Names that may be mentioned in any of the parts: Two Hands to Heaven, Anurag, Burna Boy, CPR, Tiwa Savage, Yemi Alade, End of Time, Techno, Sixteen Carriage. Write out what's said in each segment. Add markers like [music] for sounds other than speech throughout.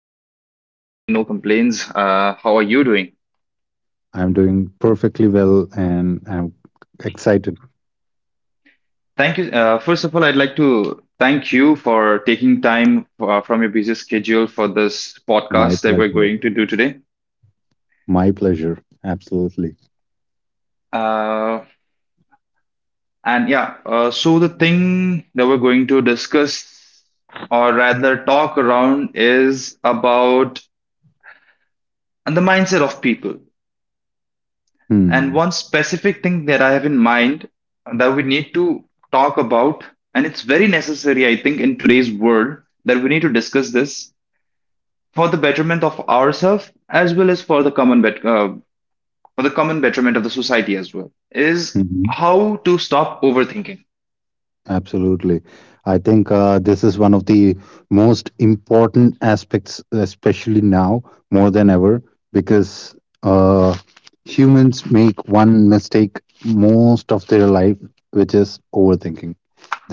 fine. Can't complain. No complaints. How are you doing? I'm doing perfectly well and I'm excited. Thank you. First of all, I'd like to thank you for taking time from your busy schedule for this podcast My that we're going to pleasure. do today. My pleasure. Absolutely. Uh, so the thing that we're going to discuss or rather talk around is about and the mindset of people. And one Hmm. specific thing that I have in mind that we need to talk about, and it's very necessary, I think, in today's world that we need to discuss this for the betterment of ourselves as well as for the common for the common betterment of the society as well is Hmm. how to stop overthinking. Absolutely. I think this is one of the most important aspects, especially now more than ever, because uh, humans make one mistake most of their life, which is overthinking.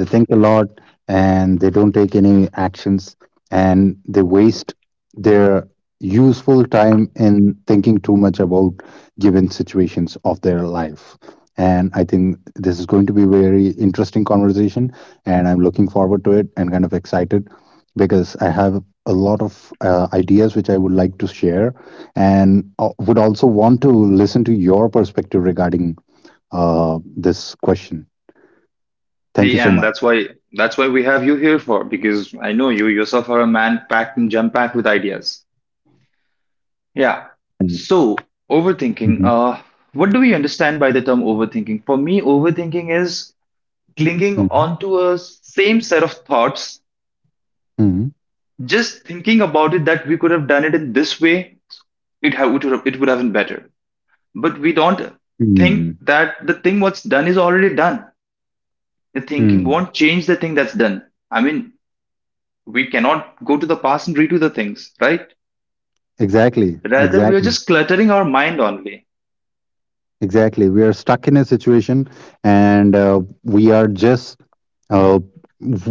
They think a lot and they don't take any actions, and they waste their useful time in thinking too much about given situations of their life. And I think this is going to be a very interesting conversation, and I'm looking forward to it and kind of excited, because I have a lot of ideas which I would like to share, and would also want to listen to your perspective regarding this question. Hey, Thank you and so much. that's why we have you here for, because I know you yourself are a man packed and jam packed with ideas. Yeah. And- So, overthinking. Mhm. What do we understand by the term overthinking? For me, overthinking is clinging Mhm. onto a same set of thoughts, Mhm. just thinking about it that we could have done it in this way, it would have been better. But we don't think Mm. that the thing what's done is already done. The thinking Mm. won't change the thing that's done. I mean, we cannot go to the past and redo the things, right? Exactly. Rather, we are just Exactly. cluttering our mind only. Exactly. We are stuck in a situation, and we are just, uh,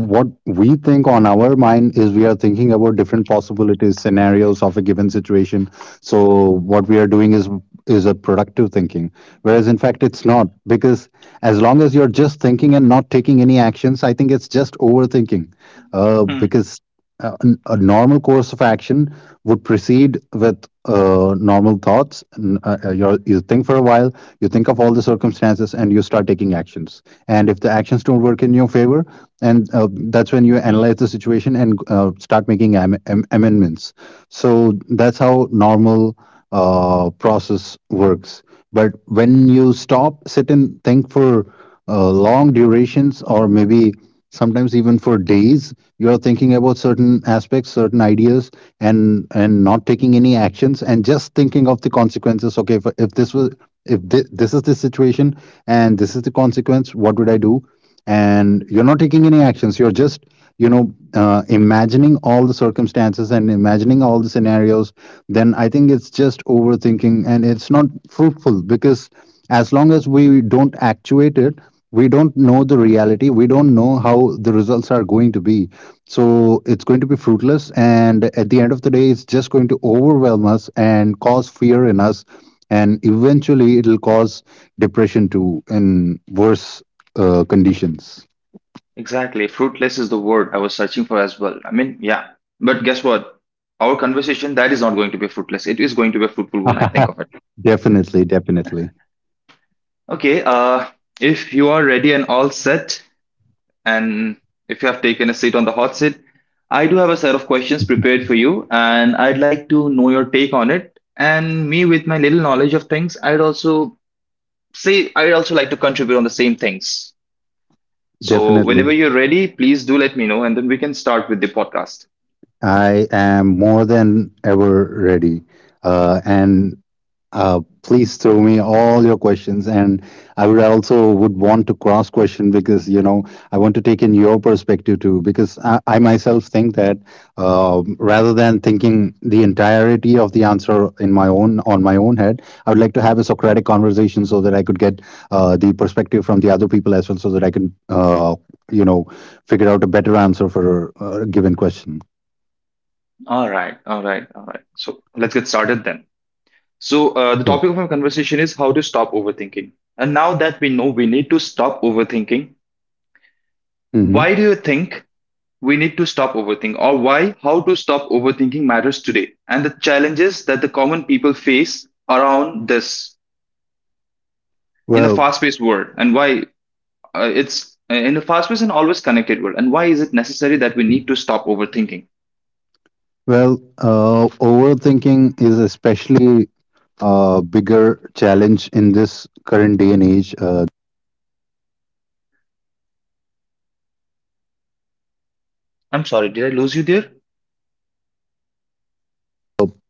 what we think on our mind is we are thinking about different possibilities, scenarios of a given situation. So what we are doing is a productive thinking. Whereas in fact it's not, because as long as you're just thinking and not taking any actions, I think it's just overthinking. Because a normal course of action would proceed with normal thoughts. N- you're, you think for a while, you think of all the circumstances, and you start taking actions. And if the actions don't work in your favor, and that's when you analyze the situation and start making amendments. So that's how normal process works. But when you stop, sit and think for long durations, or maybe sometimes even for days, you are thinking about certain aspects, certain ideas, and not taking any actions, and just thinking of the consequences. Okay, if this is the situation and this is the consequence, what would I do? And you're not taking any actions, you're just imagining all the circumstances and imagining all the scenarios. Then I think it's just overthinking, and it's not fruitful, because as long as we don't actuate it, we don't know the reality, we don't know how the results are going to be. So it's going to be fruitless, and at the end of the day it's just going to overwhelm us and cause fear in us, and eventually it'll cause depression too in worse conditions. Exactly. Fruitless is the word I was searching for as well. I mean, yeah. But guess what? Our conversation that is not going to be fruitless. It is going to be a fruitful one, I think of it. [laughs] definitely definitely Okay, if you are ready and all set and if you have taken a seat on the hot seat, I do have a set of questions prepared for you and I'd like to know your take on it. And me with my little knowledge of things, I'd also like to contribute on the same things. So whenever definitely you're ready, please do let me know and then we can start with the podcast. i am more than ever ready, and please throw me all your questions. And I would also would want to cross question, because I want to take in your perspective too. Because I myself think that rather than thinking the entirety of the answer in my own on my own head, I would like to have a Socratic conversation so that I could get the perspective from the other people as well, so that I can you know figure out a better answer for a given question. All right, all right, all right. So let's get started then. So the topic Sure. of our conversation is how to stop overthinking. And now that we know we need to stop overthinking, why Hmm. do you think we need to stop overthinking, or why how to stop overthinking matters today, and the challenges that the common people face around this in the Well, fast-paced world, and why it's in a fast paced and always connected world. And why is it necessary that we need to stop overthinking? Overthinking is especially a bigger challenge in this current day and age. I'm sorry, did I lose you there? So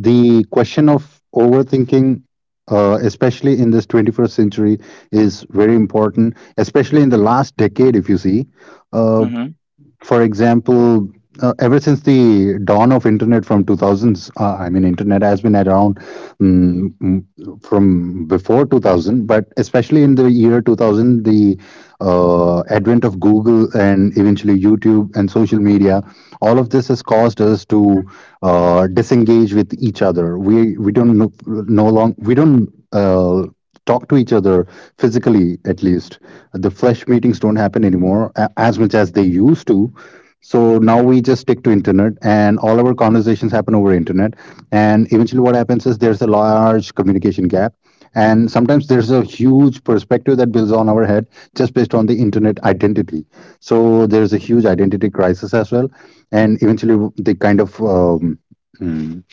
the question of overthinking, especially in this 21st century, is very important, especially in the last decade, if you see. Uh, Mm-hmm. for example, ever since the dawn of internet from 2000s, I mean, internet has been around, from before 2000, but especially in the year 2000, the advent of Google and eventually YouTube and social media, all of this has caused us to disengage with each other. We don't, talk to each other, physically at least. The flesh meetings don't happen anymore as much as they used to, so now we just stick to internet and all our conversations happen over internet. And eventually what happens is there's a large communication gap, and sometimes there's a huge perspective that builds on our head just based on the internet identity. So there's a huge identity crisis as well, and eventually the kind of hmm,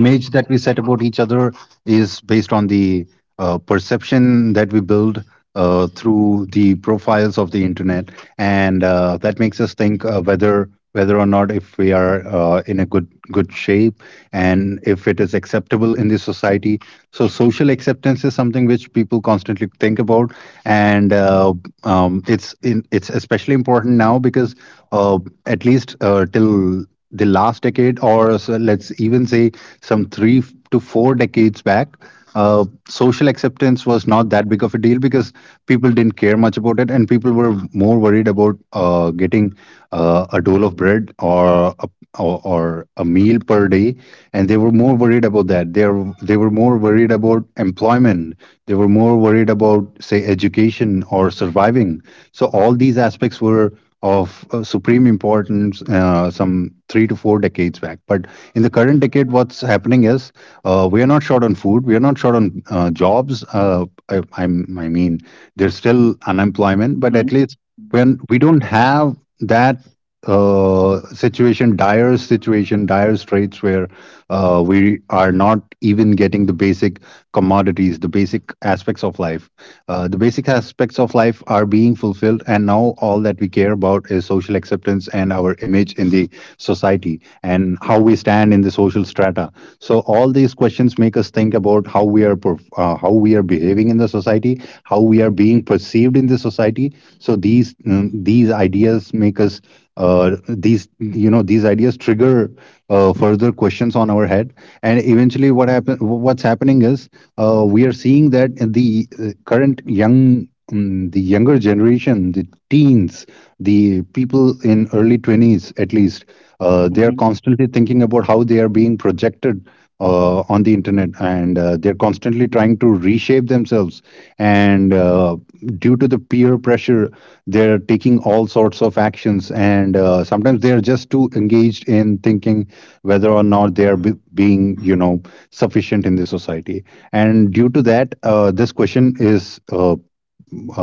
image that we set about each other is based on the perception that we build through the profiles of the internet, and that makes us think, whether or not, if we are, in a good shape, and if it is acceptable in the society. So social acceptance is something which people constantly think about, and it's especially important now, because uh, at least till the last decade, or so, let's even say, some three to four decades back, social acceptance was not that big of a deal, because people didn't care much about it, and people were more worried about getting a dole of bread or a meal per day, and they were more worried about that. They were more worried about employment, they were more worried about, say, education, or surviving. So all these aspects were of supreme importance some three to four decades back. But in the current decade, what's happening is we are not short on food. We are not short on jobs. I mean, there's still unemployment, but Mm-hmm. at least when we don't have that dire straits where we are not even getting the basic commodities, the basic aspects of life. The basic aspects of life are being fulfilled, and now all that we care about is social acceptance and our image in the society and how we stand in the social strata. So all these questions make us think about how we are behaving in the society, how we are being perceived in the society. So these ideas make us, these you know these ideas trigger further questions on our head. And eventually what's happening is we are seeing that the younger generation, the teens, the people in early 20s, at least, they are Mm-hmm. constantly thinking about how they are being projected on the internet. And they're constantly trying to reshape themselves, and due to the peer pressure, they're taking all sorts of actions. And sometimes they're just too engaged in thinking whether or not they are being sufficient in the society. And due to that, this question is, uh,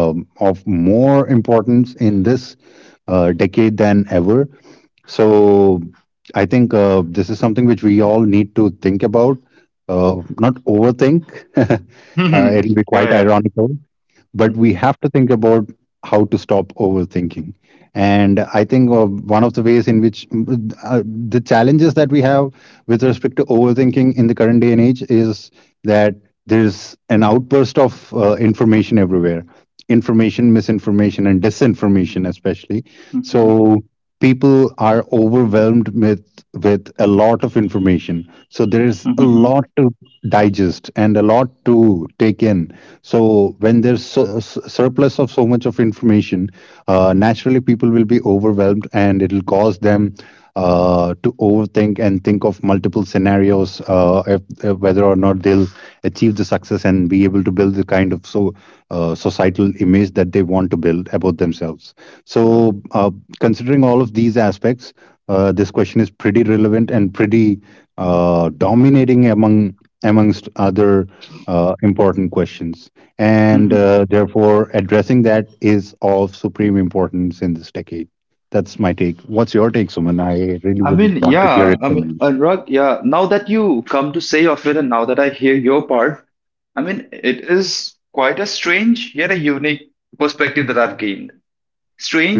um, of more importance in this decade than ever. So I think this is something which we all need to think about, not overthink. [laughs] uh, Mm-hmm. it'll be [laughs] Yeah, quite yeah. ironical, but Mm-hmm. we have to think about how to stop overthinking. And I think one of the ways in which, the challenges that we have with respect to overthinking in the current day and age, is that there's an outburst of information everywhere, information, misinformation, and disinformation especially. Mm-hmm. So people are overwhelmed with a lot of information. So there is a Mm-hmm. lot to digest and a lot to take in. So when there's surplus of so much of information, naturally people will be overwhelmed, and it'll cause them to overthink and think of multiple scenarios, if, whether or not they'll achieve the success and be able to build the kind of, so societal image that they want to build about themselves. So considering all of these aspects, this question is pretty relevant and pretty dominating amongst other important questions, and Mm-hmm. Therefore addressing that is of supreme importance in this decade. That's my take. What's your take, Suman? I really I would mean, want to hear yeah. it I mean, from Anurag, yeah. Now that you come to say of it, and now that I hear your part, I mean, it is quite a strange yet a unique perspective that I've gained.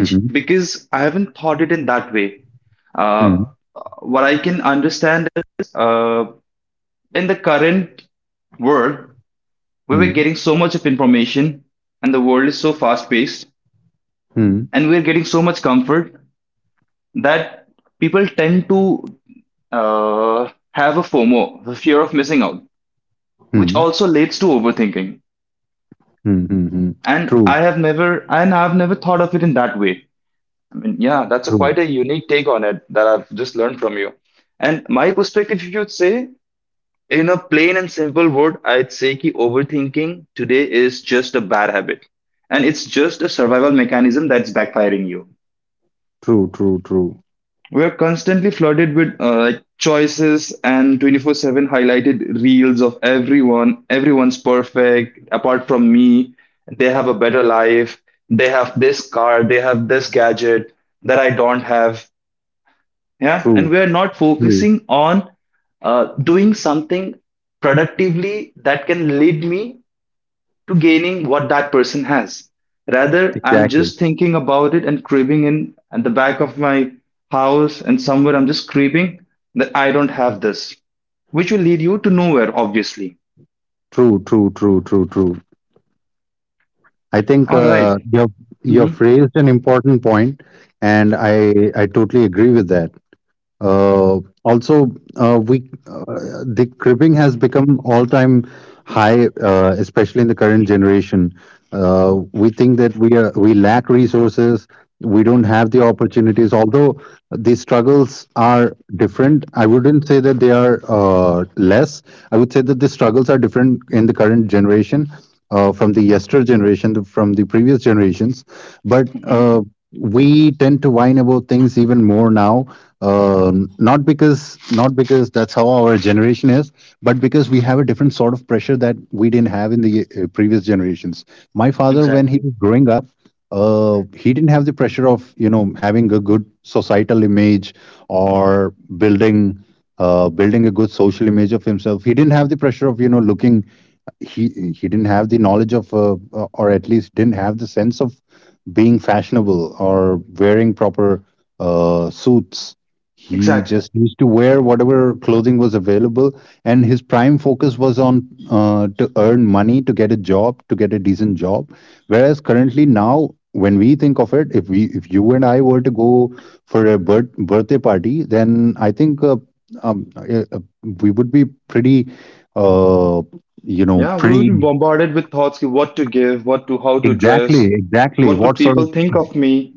you. Hmm. because I haven't thought it in that way. Uh, Hmm. what I can understand is in the current world, we were getting Hmm. so much of information and the world is so fast paced Hmm. and we're getting so much comfort that people tend to have a FOMO, the fear of missing out, which Hmm. also leads to overthinking. Hmm. Hmm. And True, I've never thought of it in that way. I mean, yeah, that's a true, quite a unique take on it that I've just learned from you. And my perspective, if you'd say, in a plain and simple word, I'd say ki overthinking today is just a bad habit. And it's just a survival mechanism that's backfiring you. true, true, true, We're constantly flooded with like choices and 24/7 highlighted reels of everyone. Everyone's perfect apart from me. They have a better life. They have this car, they have this gadget that I don't have. Yeah, and true, we're not true. focusing on doing something productively that can lead me to gaining what that person has. Rather, I'm Exactly. just thinking about it and craving in at the back of my house and somewhere I'm just craving that I don't have this, which will lead you to nowhere, obviously. True, true, true, true, true. I think All right. You've hmm you've raised an important point, and I totally agree with that. Also, we the cribbing has become all-time high, especially in the current generation. We think that we lack resources, we don't have the opportunities. Although the struggles are different, I wouldn't say that they are less. I would say that the struggles are different in the current generation, from the yester generation, from the previous generations. But hmm uh, we tend to whine about things even more now, not because, not because that's how our generation is, but because we have a different sort of pressure that we didn't have in the previous generations. My father, when he Exactly. was growing up, he didn't have the pressure of, you know, having a good societal image, or building building a good social image of himself. He didn't have the pressure of, you know, looking. He didn't have the knowledge of or at least didn't have the sense of being fashionable or wearing proper suits. He Exactly. just used to wear whatever clothing was available, and his prime focus was on to earn money, to get a job, to get a decent job. Whereas currently now, when we think of it, if we if you and I were to go for a birthday party, then I think um, uh, uh, we would be pretty uh, you know, Yeah, we would be pretty bombarded with thoughts of what to give, what to how to dress, exactly, exactly what would what sort people of think of me?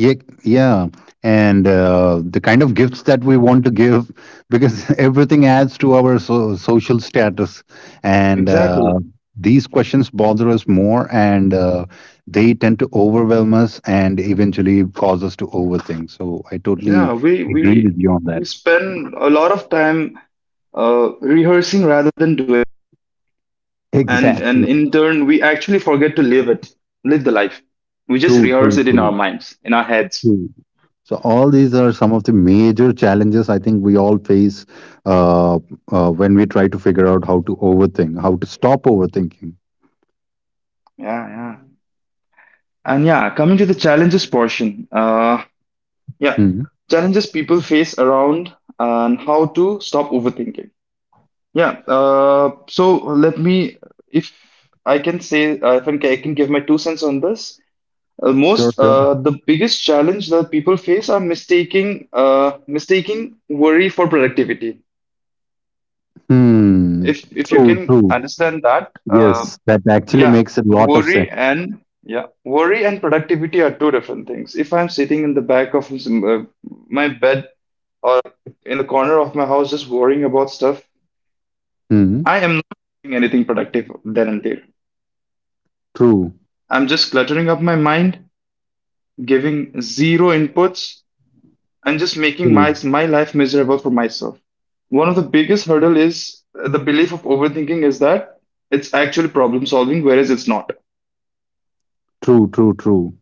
yeah, yeah. And the kind of gifts that we want to give, because [laughs] everything adds to our social status. And Exactly. these questions bother us more, and they tend to overwhelm us and eventually cause us to overthink. So I Yeah, totally agree with you on we that. spend a lot of time rehearsing rather than doing. [laughs] And Exactly. in turn we actually forget to live it, live the life. We just True, rehearse true, it in true, our minds, in our heads. true. So all these are some of the major challenges, I think, we all face uh, when we try to figure out how to overthink, how to stop overthinking. Yeah, yeah. And yeah, coming to the challenges portion, yeah Hmm. challenges people face around and how to stop overthinking. Yeah, so let me, if if I can, I can give my two cents on this. uh, Sure, most sure. uh, the biggest challenge that people face are mistaking worry for productivity. Hmm. If you True, can true. understand that Yes, that actually Yeah. makes a So lot of sense. worry and, yeah, worry and productivity are two different things. If I'm sitting in the back of my bed or in the corner of my house just worrying about stuff, Hmm. I am not doing anything productive then and there. True, I'm just cluttering up my mind, giving zero inputs and just making true, my my life miserable for myself. One of the biggest hurdle is the belief of overthinking is that it's actually problem solving, whereas it's not. true, true, true.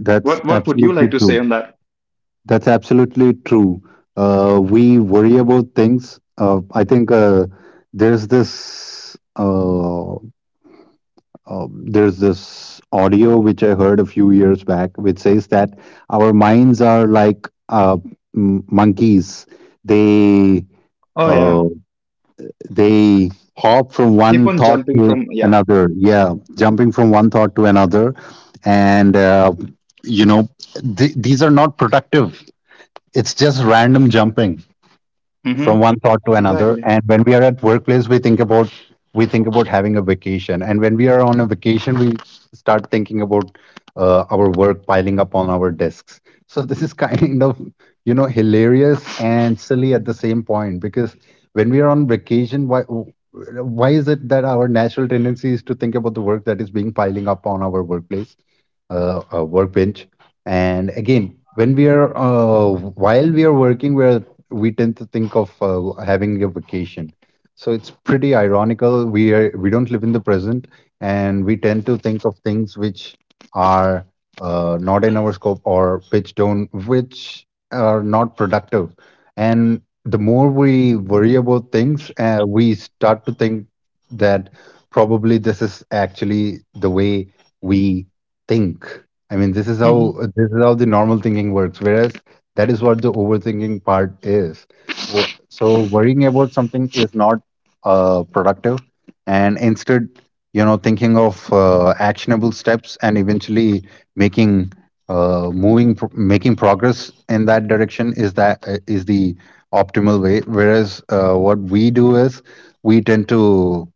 That's What what would you absolutely like to say true. on that? That's absolutely true. We worry about things. I think there's this. There's this audio which I heard a few years back, which says that our minds are like monkeys. They Oh yeah, uh, they hop from keep one on thought jumping to from yeah. another. Yeah, jumping from one thought to another, and you know, these are not productive. It's just random jumping from Mm-hmm. one thought to another. Exactly. And when we are at workplace, we think about, we think about having a vacation. And when we are on a vacation, we start thinking about our work piling up on our desks. So this is [laughs] kind of, you know, hilarious and silly at the same point, because when we are on vacation, why is it that our natural tendency is to think about the work that is being piling up on our workplace, workbench. And again, when we are while we are working, we are, we tend to think of having a vacation. So it's pretty ironical. We don't live in the present, and we tend to think of things which are not in our scope, or which don't, which are not productive. And the more we worry about things, we start to think that probably this is actually the way we think. I mean, this is how, Mm-hmm. this is how the normal thinking works. Whereas that is what the overthinking part is. Wo- So worrying about something is not productive. And instead, you know, thinking of actionable steps and eventually making making progress in that direction is that is the optimal way. Whereas what we do is we tend to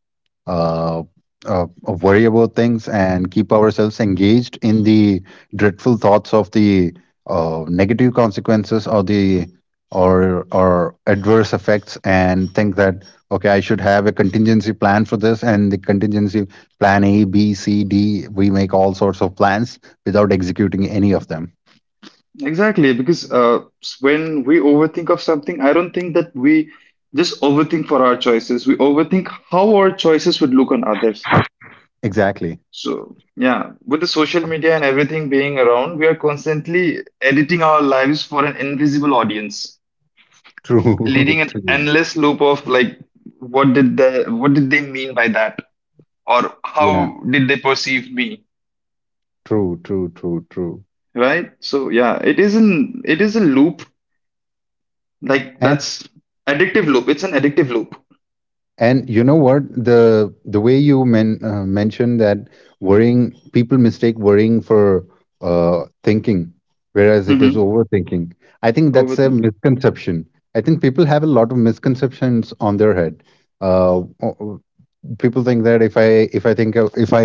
uh, uh, worry about things and keep ourselves engaged in the dreadful thoughts of the negative consequences, or the, or adverse effects, and think that okay, I should have a contingency plan for this, and the contingency plan A, B, C, D, we make all sorts of plans without executing any of them. Exactly, because when we overthink of something, I don't think that we just overthink for our choices. We overthink how our choices would look on others. Exactly. So yeah, with the social media and everything being around, we are constantly editing our lives for an invisible audience, True. leading [laughs] an True. endless loop of like, what did the what did they mean by that, or Yeah, how did they perceive me, true, true, true, true. right? So yeah, it isn't. It is a loop. Like that's addictive loop. It's an addictive loop. And you know what? The way you mentioned that worrying, people mistake worrying for thinking, whereas it is Hmm. overthinking. I think that's a Overthink. misconception. I think people have a lot of misconceptions on their head. Uh, people think that if I think of, if I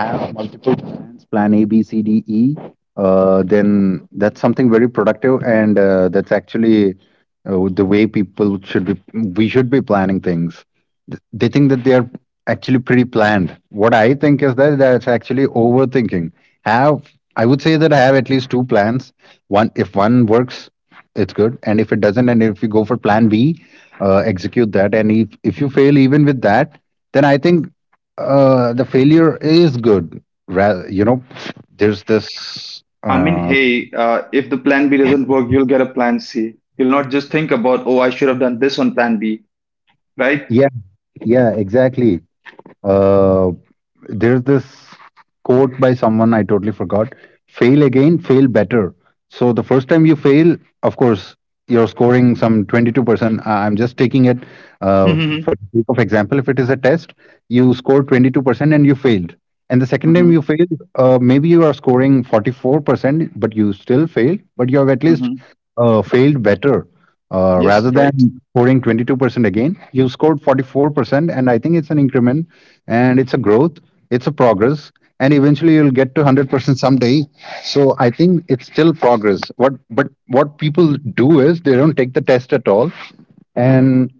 have multiple plans, plan A, B, C, D, E, then that's something very productive, and that's actually the way people should be. We should be planning things. They think that they are actually pre-planned. What I think is that that's actually overthinking. Have I would say that I have at least two plans. One, if one works, it's good. And if it doesn't, and if you go for plan B, execute that. And if you fail even with that, then I think the failure is good. You know, there's this. I mean, hey, if the plan B doesn't work, you'll get a plan C. You'll not just think about, oh, I should have done this on plan B, right? Yeah, yeah, exactly. Uh, there's this quote by someone I totally forgot. Fail again, fail better. So the first time you fail, of course, you're scoring some 22%. I- I'm just taking it Mm-hmm. for the sake of example. If it is a test, you score 22% and you failed. And the second time you Mm-hmm. failed, maybe you are scoring 44%, but you still failed, but you have at least Mm-hmm. Failed better. Yes, Rather right. than scoring 22% again, you scored 44%, and I think it's an increment, and it's a growth, it's a progress, and eventually you'll get to 100% someday. So I think it's still progress. What, but what people do is they don't take the test at all, and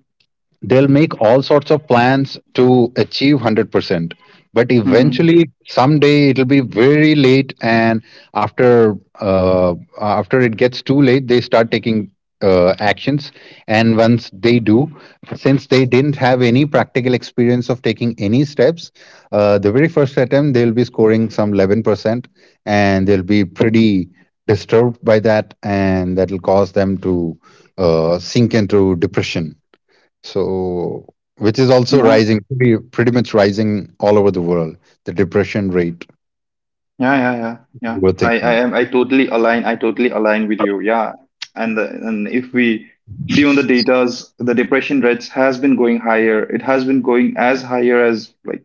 they'll make all sorts of plans to achieve 100%, but Mm-hmm. eventually someday it'll be very late, and after uh, after it gets too late, they start taking actions. And once they do, since they didn't have any practical experience of taking any steps, the very first attempt they'll be scoring some 11%, and they'll be pretty disturbed by that, and that'll cause them to sink into depression. So, which is also Yeah. rising, pretty, pretty much rising all over the world, the depression rate, Yeah, yeah, yeah, yeah. we're I thinking. am. I totally align. I totally align with you. Yeah, and if we see on the data's, the depression rates has been going higher. It has been going as higher as like.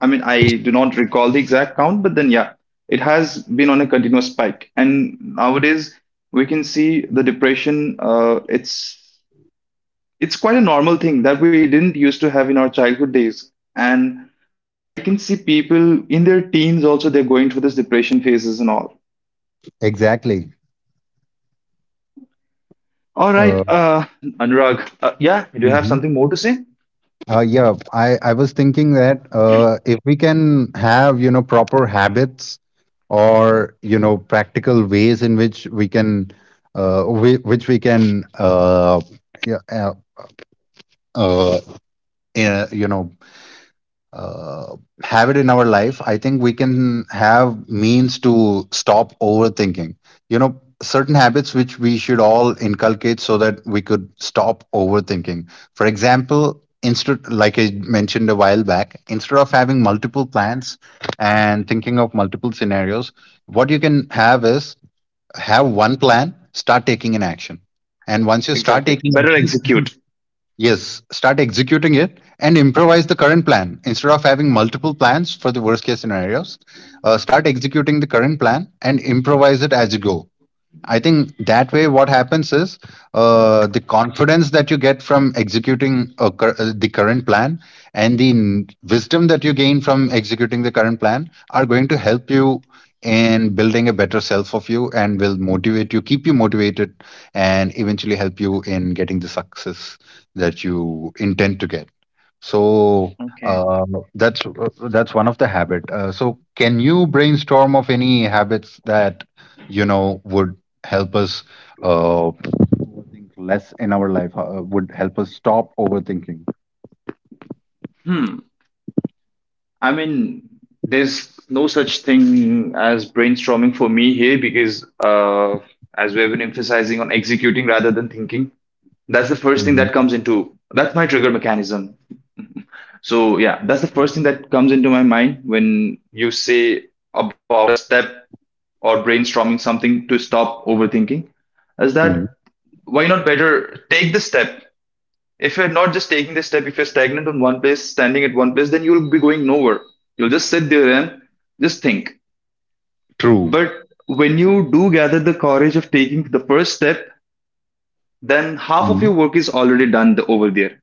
I mean, I do not recall the exact count, but then yeah, it has been on a continuous spike. And nowadays, we can see the depression. It's quite a normal thing that we didn't used to have in our childhood days. And I can see people in their teens also, they're going through this depression phases and all. Exactly. All right, Uh, Anurag, yeah, do you have Mhm. something more to say? Yeah, I was thinking that if we can have, you know, proper habits, or, you know, practical ways in which which we can, yeah, uh, uh, you know, uh, have it in our life, I think we can have means to stop overthinking. You know, certain habits which we should all inculcate so that we could stop overthinking. For example, instead, like I mentioned a while back, instead of having multiple plans and thinking of multiple scenarios, what you can have is have one plan, start taking an action. And once you start Exactly. taking Better action, execute. yes, start executing it and improvise the current plan. Instead of having multiple plans for the worst case scenarios, start executing the current plan and improvise it as you go. I think that way, what happens is the confidence that you get from executing the current plan, and the wisdom that you gain from executing the current plan are going to help you in building a better self of you, and will motivate you, keep you motivated, and eventually help you in getting the success that you intend to get. So Okay. uh, that's that's one of the habit. So can you brainstorm of any habits that, you know, would help us uh, overthink less in our life, would help us stop overthinking. Hmm. I mean, there's no such thing as brainstorming for me here because, as we have been emphasizing on executing rather than thinking, that's the first thing Mhm. that comes into. That's my trigger mechanism. So yeah, that's the first thing that comes into my mind when you say about a step or brainstorming something to stop overthinking is Mm. that, why not better take the step? If you're not just taking the step, if you're stagnant on one place, standing at one place, then you'll be going nowhere. You'll just sit there and just think. True. But when you do gather the courage of taking the first step, then half of Mm. your work is already done over there.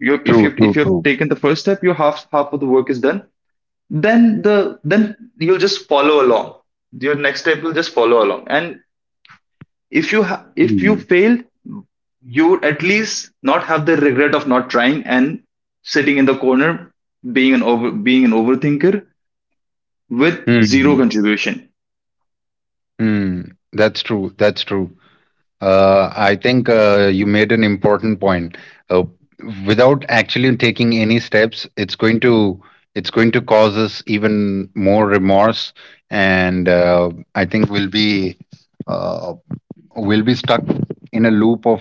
You, True, true, if you've true. taken the first step, your half of the work is done. Then then you'll just follow along. Your next step will just follow along. And if you Mm. failed, you would at least not have the regret of not trying and sitting in the corner being an overthinker with zero Mm. contribution. [laughs] Mm. That's true. That's true. I think you made an important point. Uh, without actually taking any steps, it's going to, it's going to cause us even more remorse. And I think uh, we'll be stuck in a loop of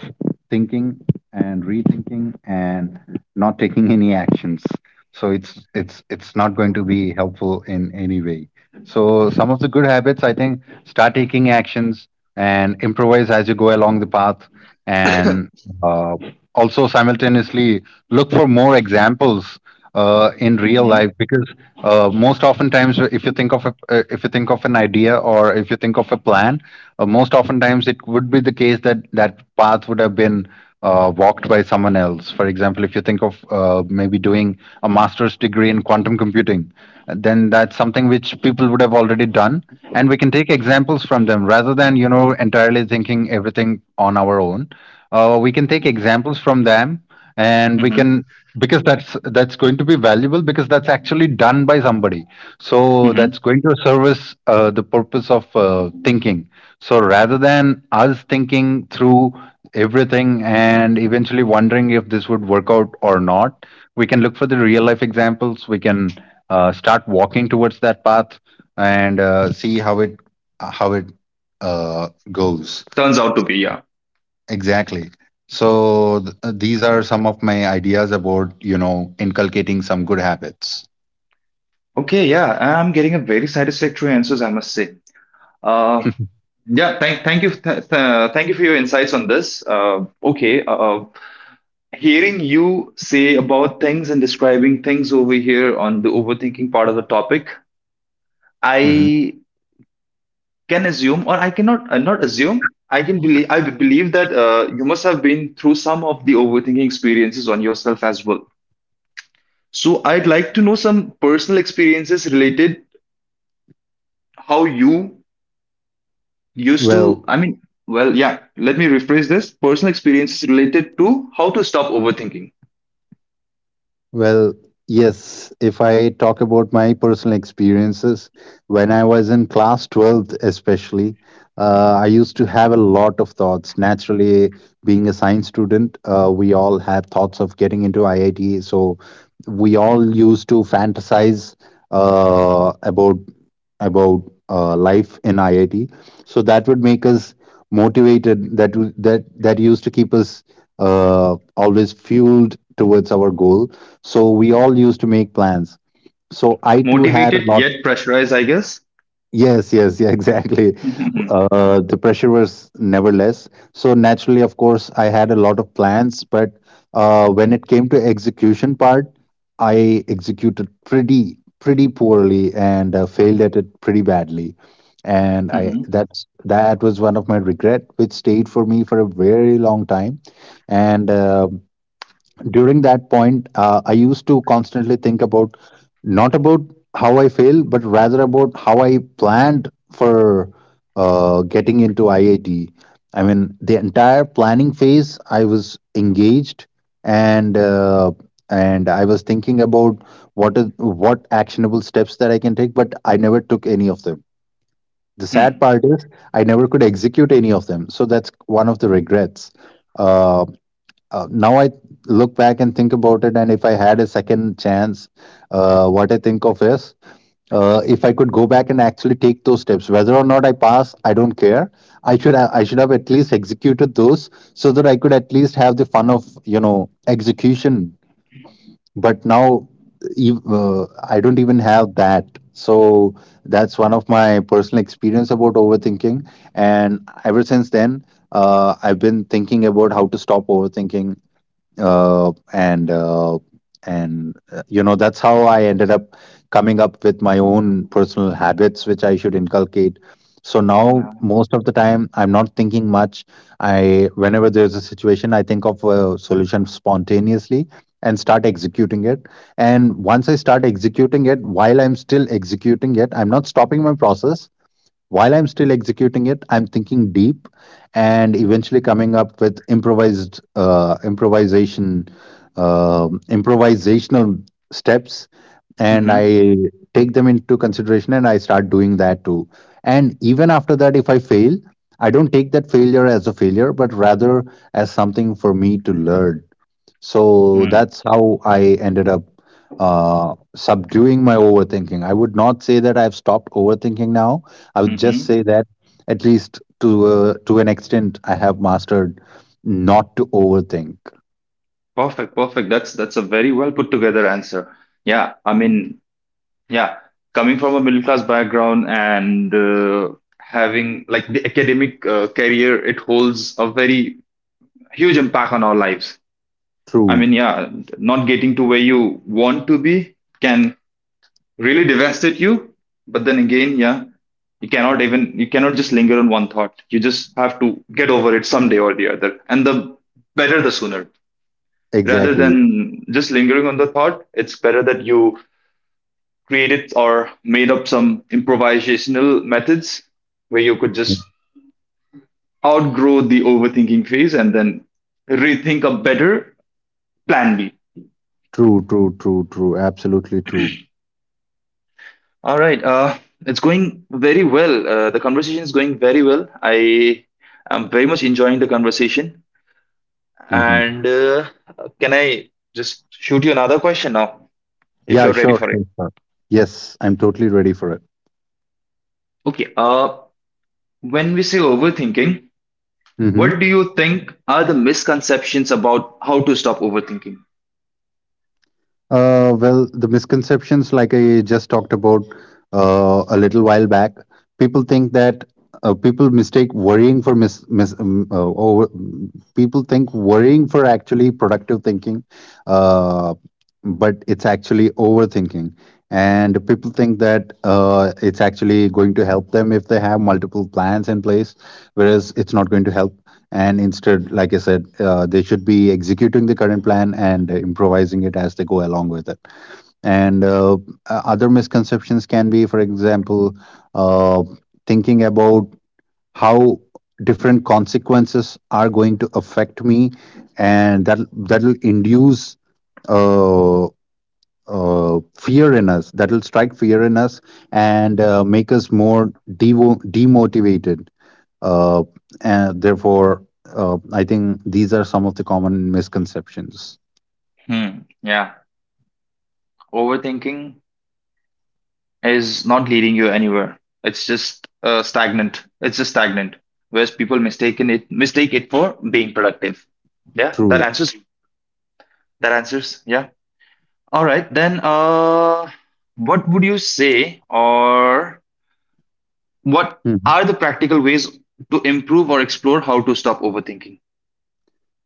thinking and rethinking, and not taking any actions. So it's not going to be helpful in any way. So some of the good habits, I think, start taking actions and improvise as you go along the path. And [coughs] uh, also simultaneously look for more examples in real Mm-hmm. life, because most oftentimes, if you think of if you think of an idea or if you think of a plan, most oftentimes it would be the case that that path would have been walked by someone else. For example, if you think of maybe doing a master's degree in quantum computing, then that's something which people would have already done, and we can take examples from them, rather than, you know, entirely thinking everything on our own. We can take examples from them, and we Mm-hmm. can, because that's going to be valuable, because that's actually done by somebody. So that's Mm-hmm. going to service the purpose of thinking. So rather than us thinking through everything and eventually wondering if this would work out or not, we can look for the real life examples. We can start walking towards that path, and see how it, how it uh, goes. Turns out to be, yeah. Exactly. So these are some of my ideas about, you know, inculcating some good habits. Okay, yeah, I'm getting a very satisfactory answers, I must say. uh [laughs] Thank you for your insights on this. Okay Hearing you say about things and describing things over here on the overthinking part of the topic, Mhm. I can assume, or I cannot not assume I can believe I believe that you must have been through some of the overthinking experiences on yourself as well. So I'd like to know some personal experiences related, how you used Well, to, I mean, well, yeah, let me rephrase this. Personal experiences related to how to stop overthinking. well, yes, if I talk about my personal experiences, when I was in class 12th, especially, I used to have a lot of thoughts. Naturally, being a science student, we all had thoughts of getting into IIT. So we all used to fantasize uh, about about life in IIT. So that would make us motivated. That w- that that used to keep us always fueled towards our goal. So we all used to make plans. So I too had a Motivated lot. yet pressurized, I guess. Yes, [laughs] exactly. The pressure was never less. So naturally, of course, I had a lot of plans, but when it came to execution part, I executed pretty poorly and failed at it pretty badly. And [laughs] I Hmm. that's that was one of my regret, which stayed for me for a very long time. And during that point, I used to constantly think about not about how I failed, but rather about how I planned for getting into IIT. I T. I mean, the entire planning phase, I was engaged and uh, and I was thinking about what actionable steps that I can take, but I never took any of them. The sad part is I never could execute any of them. So that's one of the regrets. Uh, now I look back and think about it, and if I had a second chance, what I think of is if I could go back and actually take those steps, whether or not I pass, I don't care. I should have at least executed those so that I could at least have the fun of execution. But now I don't even have that. So that's one of my personal experience about overthinking, and ever since then, I've been thinking about how to stop overthinking uh, and uh, and that's how I ended up coming up with my own personal habits which I should inculcate. So now No. most of the time I'm not thinking much. I whenever there's a situation, I think of a solution spontaneously and start executing it. And once I start executing it, while I'm still executing it, I'm not stopping my process. While I'm still executing it, I'm thinking deep and eventually coming up with improvised improvisation improvisational steps, and Mm-hmm. I take them into consideration, and I start doing that too. And even after that, if I fail, I don't take that failure as a failure, but rather as something for me to learn. So that's how I ended up subduing my overthinking. I would not say that I've stopped overthinking now. I would just Mm-hmm. say that at least to an extent, I have mastered not to overthink. Perfect. Perfect. That's a very well put together answer. Yeah. I mean, yeah. Coming from a middle class background and having like the academic career, it holds a very huge impact on our lives. I True, mean, yeah, not getting to where you want to be can really devastate you. But then again, yeah, you cannot just linger on one thought. You just have to get over it someday or the other, and the better the sooner, rather exactly. than just lingering on the thought. It's better that you created or made up some improvisational methods where you could just outgrow the overthinking phase and then rethink a better plan B. True, true, true, true. Absolutely true. All right. It's going very well. The conversation is going very well. I am very much enjoying the conversation. Hmm. And Can I just shoot you another question now if Yeah, you're ready sure, for sure, it? sure. Yes, I'm totally ready for it. Okay. When we say overthinking, what Hmm. do you think are the misconceptions about how to stop overthinking? Well, the misconceptions, like I just talked about a little while back, people think that people mistake worrying for mis, mis over, people think worrying for actually productive thinking, uh, but it's actually overthinking. And people think that it's actually going to help them if they have multiple plans in place, whereas it's not going to help, and instead, like I said, they should be executing the current plan and improvising it as they go along with it. And uh, uh, other misconceptions can be, for example, uh, thinking about how different consequences are going to affect me, and that that'll induce uh, fear in us that'll strike fear in us and make us more demotivated, uh, and therefore, I think these are some of the common misconceptions. Hmm. Yeah. Overthinking is not leading you anywhere. It's just stagnant. It's just stagnant. Whereas people mistake it for being productive. Yeah. That True. answers. That answers. Yeah. All right. What would you say, or what Mhm. are the practical ways to improve or explore how to stop overthinking?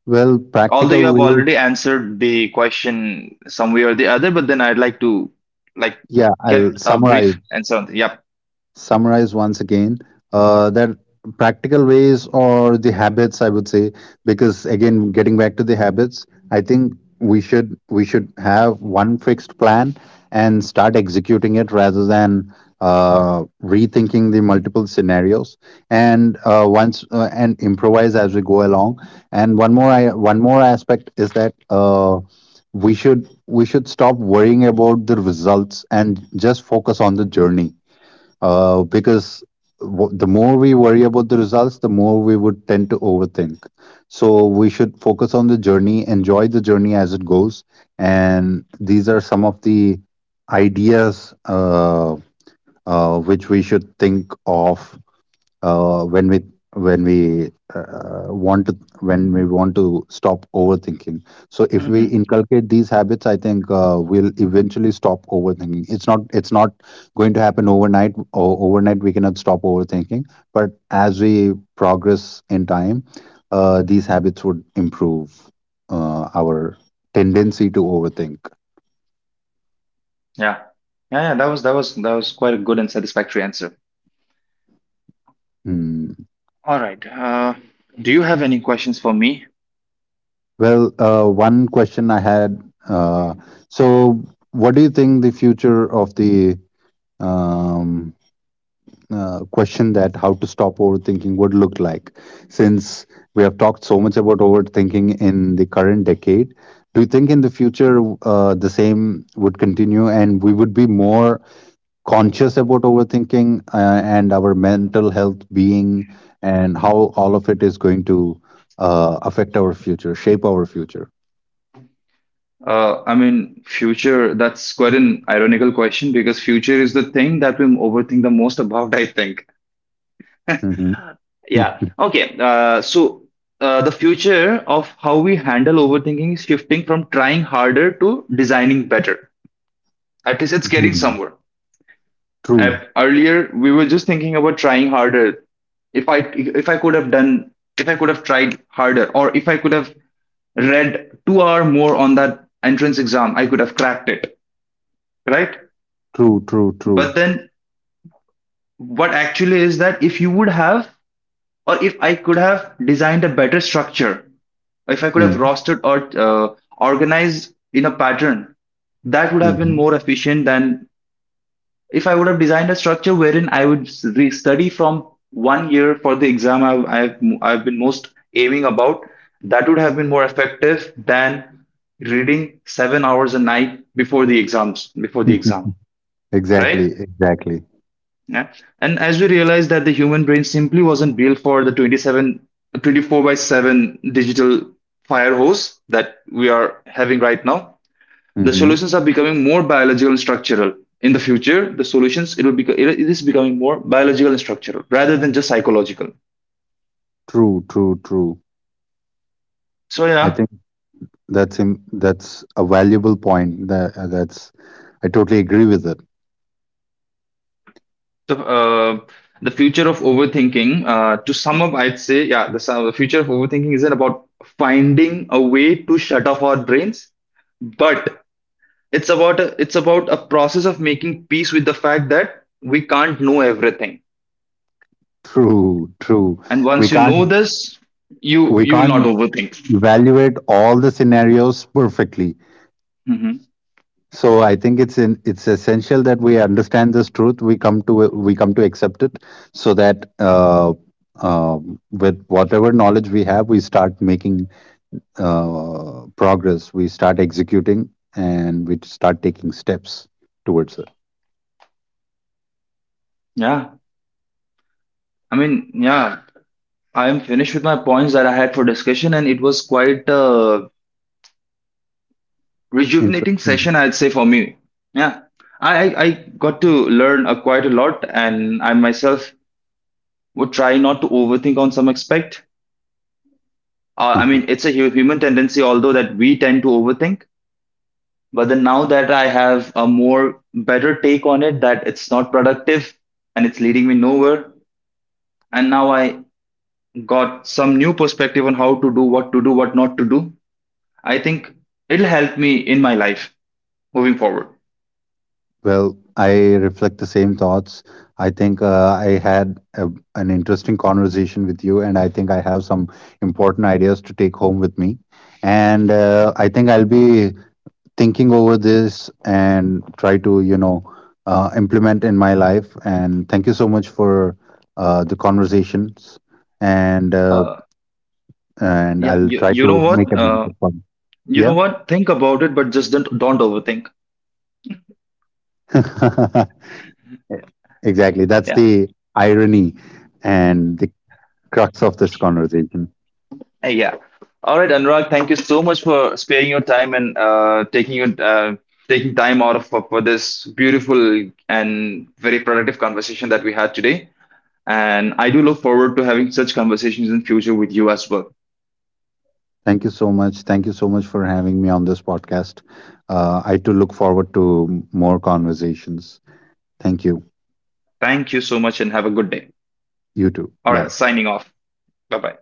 Well, Although you practical have way. already answered the question some way or the other, but then I'd like to, like, Yeah, get I'll a summarize. brief answer on the, yep. Summarize once again that practical ways, or the habits I would say, because again, getting back to the habits, I think we should have one fixed plan and start executing it rather than rethinking the multiple scenarios, and once and improvise as we go along. And one more, one more aspect is that we should stop worrying about the results and just focus on the journey, because the more we worry about the results, the more we would tend to overthink. So we should focus on the journey, enjoy the journey as it goes. And these are some of the ideas which we should think of uh, when we when we want to stop overthinking. So if we Hmm. inculcate these habits, I think we'll eventually stop overthinking. It's not going to happen overnight, or overnight we cannot stop overthinking, but as we progress in time, these habits would improve our tendency to overthink. Yeah, yeah, yeah, that was quite a good and satisfactory answer. Hmm. All right. Do you have any questions for me? Well, one question I had, uh, so what do you think the future of the um, question that how to stop overthinking would look like. Since we have talked so much about overthinking in the current decade, do you think in the future the same would continue and we would be more conscious about overthinking and our mental health being, and how all of it is going to affect our future, shape our future? I mean, future, that's quite an ironical question because future is the thing that we overthink the most about, I think. Mhm. Yeah. Mhm. Okay. So, the future of how we handle overthinking is shifting from trying harder to designing better. At least it's getting somewhere. [laughs] True, At, earlier, we were just thinking about trying harder. If I could have done, if I could have tried harder, or if I could have read 2 hour more on that entrance exam, I could have cracked it, right? true, true, true. But then, what actually is that if you would have, or if I could have designed a better structure, if I could have Hmm. rostered or organized in a pattern, that would have been Mm-hmm. more efficient than if I would have designed a structure wherein I would study from one year for the exam I've been most aiming about. That would have been more effective than reading 7 hours a night before the exams, before the exam, [laughs] Exactly, right? exactly. Yeah. And as we realized that the human brain simply wasn't built for the 24/7 digital fire hose that we are having right now, the Hmm. solutions are becoming more biological and structural. In the future, the solutions it will be it is becoming more biological and structural rather than just psychological. True, true, true. So I yeah, think that's a valuable point. That's I totally agree with it. the uh, the future of overthinking. To sum up, I'd say yeah, the future of overthinking isn't about finding a way to shut off our brains, but it's about a process of making peace with the fact that we can't know everything. True, true. And We once you know can't this, you we you will not can't overthink. evaluate all the scenarios perfectly. Hmm. So I think it's essential that we understand this truth. We come to accept it, so that uh, with whatever knowledge we have, we start making progress, we start executing, and we start taking steps towards it. Yeah, I mean, yeah, I am finished with my points that I had for discussion, and it was quite a rejuvenating Interesting. session, I'd say, for me. Yeah, I got to learn quite a lot, and I myself would try not to overthink on some aspect. I mean, [laughs] it's a human tendency, although that we tend to overthink. But then now that I have a more better take on it, that it's not productive and it's leading me nowhere. And now I got some new perspective on how to do, what not to do. I think it'll help me in my life moving forward. Well, I reflect the same thoughts. I think an interesting conversation with you, and I think I have some important ideas to take home with me. And I think I'll be thinking over this and try to, you know, implement in my life. And thank you so much for the conversations. And uh, Uh, and yeah, I'll you, try you to know make what? a mental fun. You Yeah, know what? Think about it, but just don't overthink. [laughs] exactly. That's Yeah. the irony and the crux of this conversation. Yeah. All right, Anurag. Thank you so much for sparing your time and taking time out for this beautiful and very productive conversation that we had today. And I do look forward to having such conversations in future with you as well. Thank you so much. Thank you so much for having me on this podcast. I too look forward to more conversations. Thank you. Thank you so much and have a good day. You too. All right, Bye. signing off. Bye bye.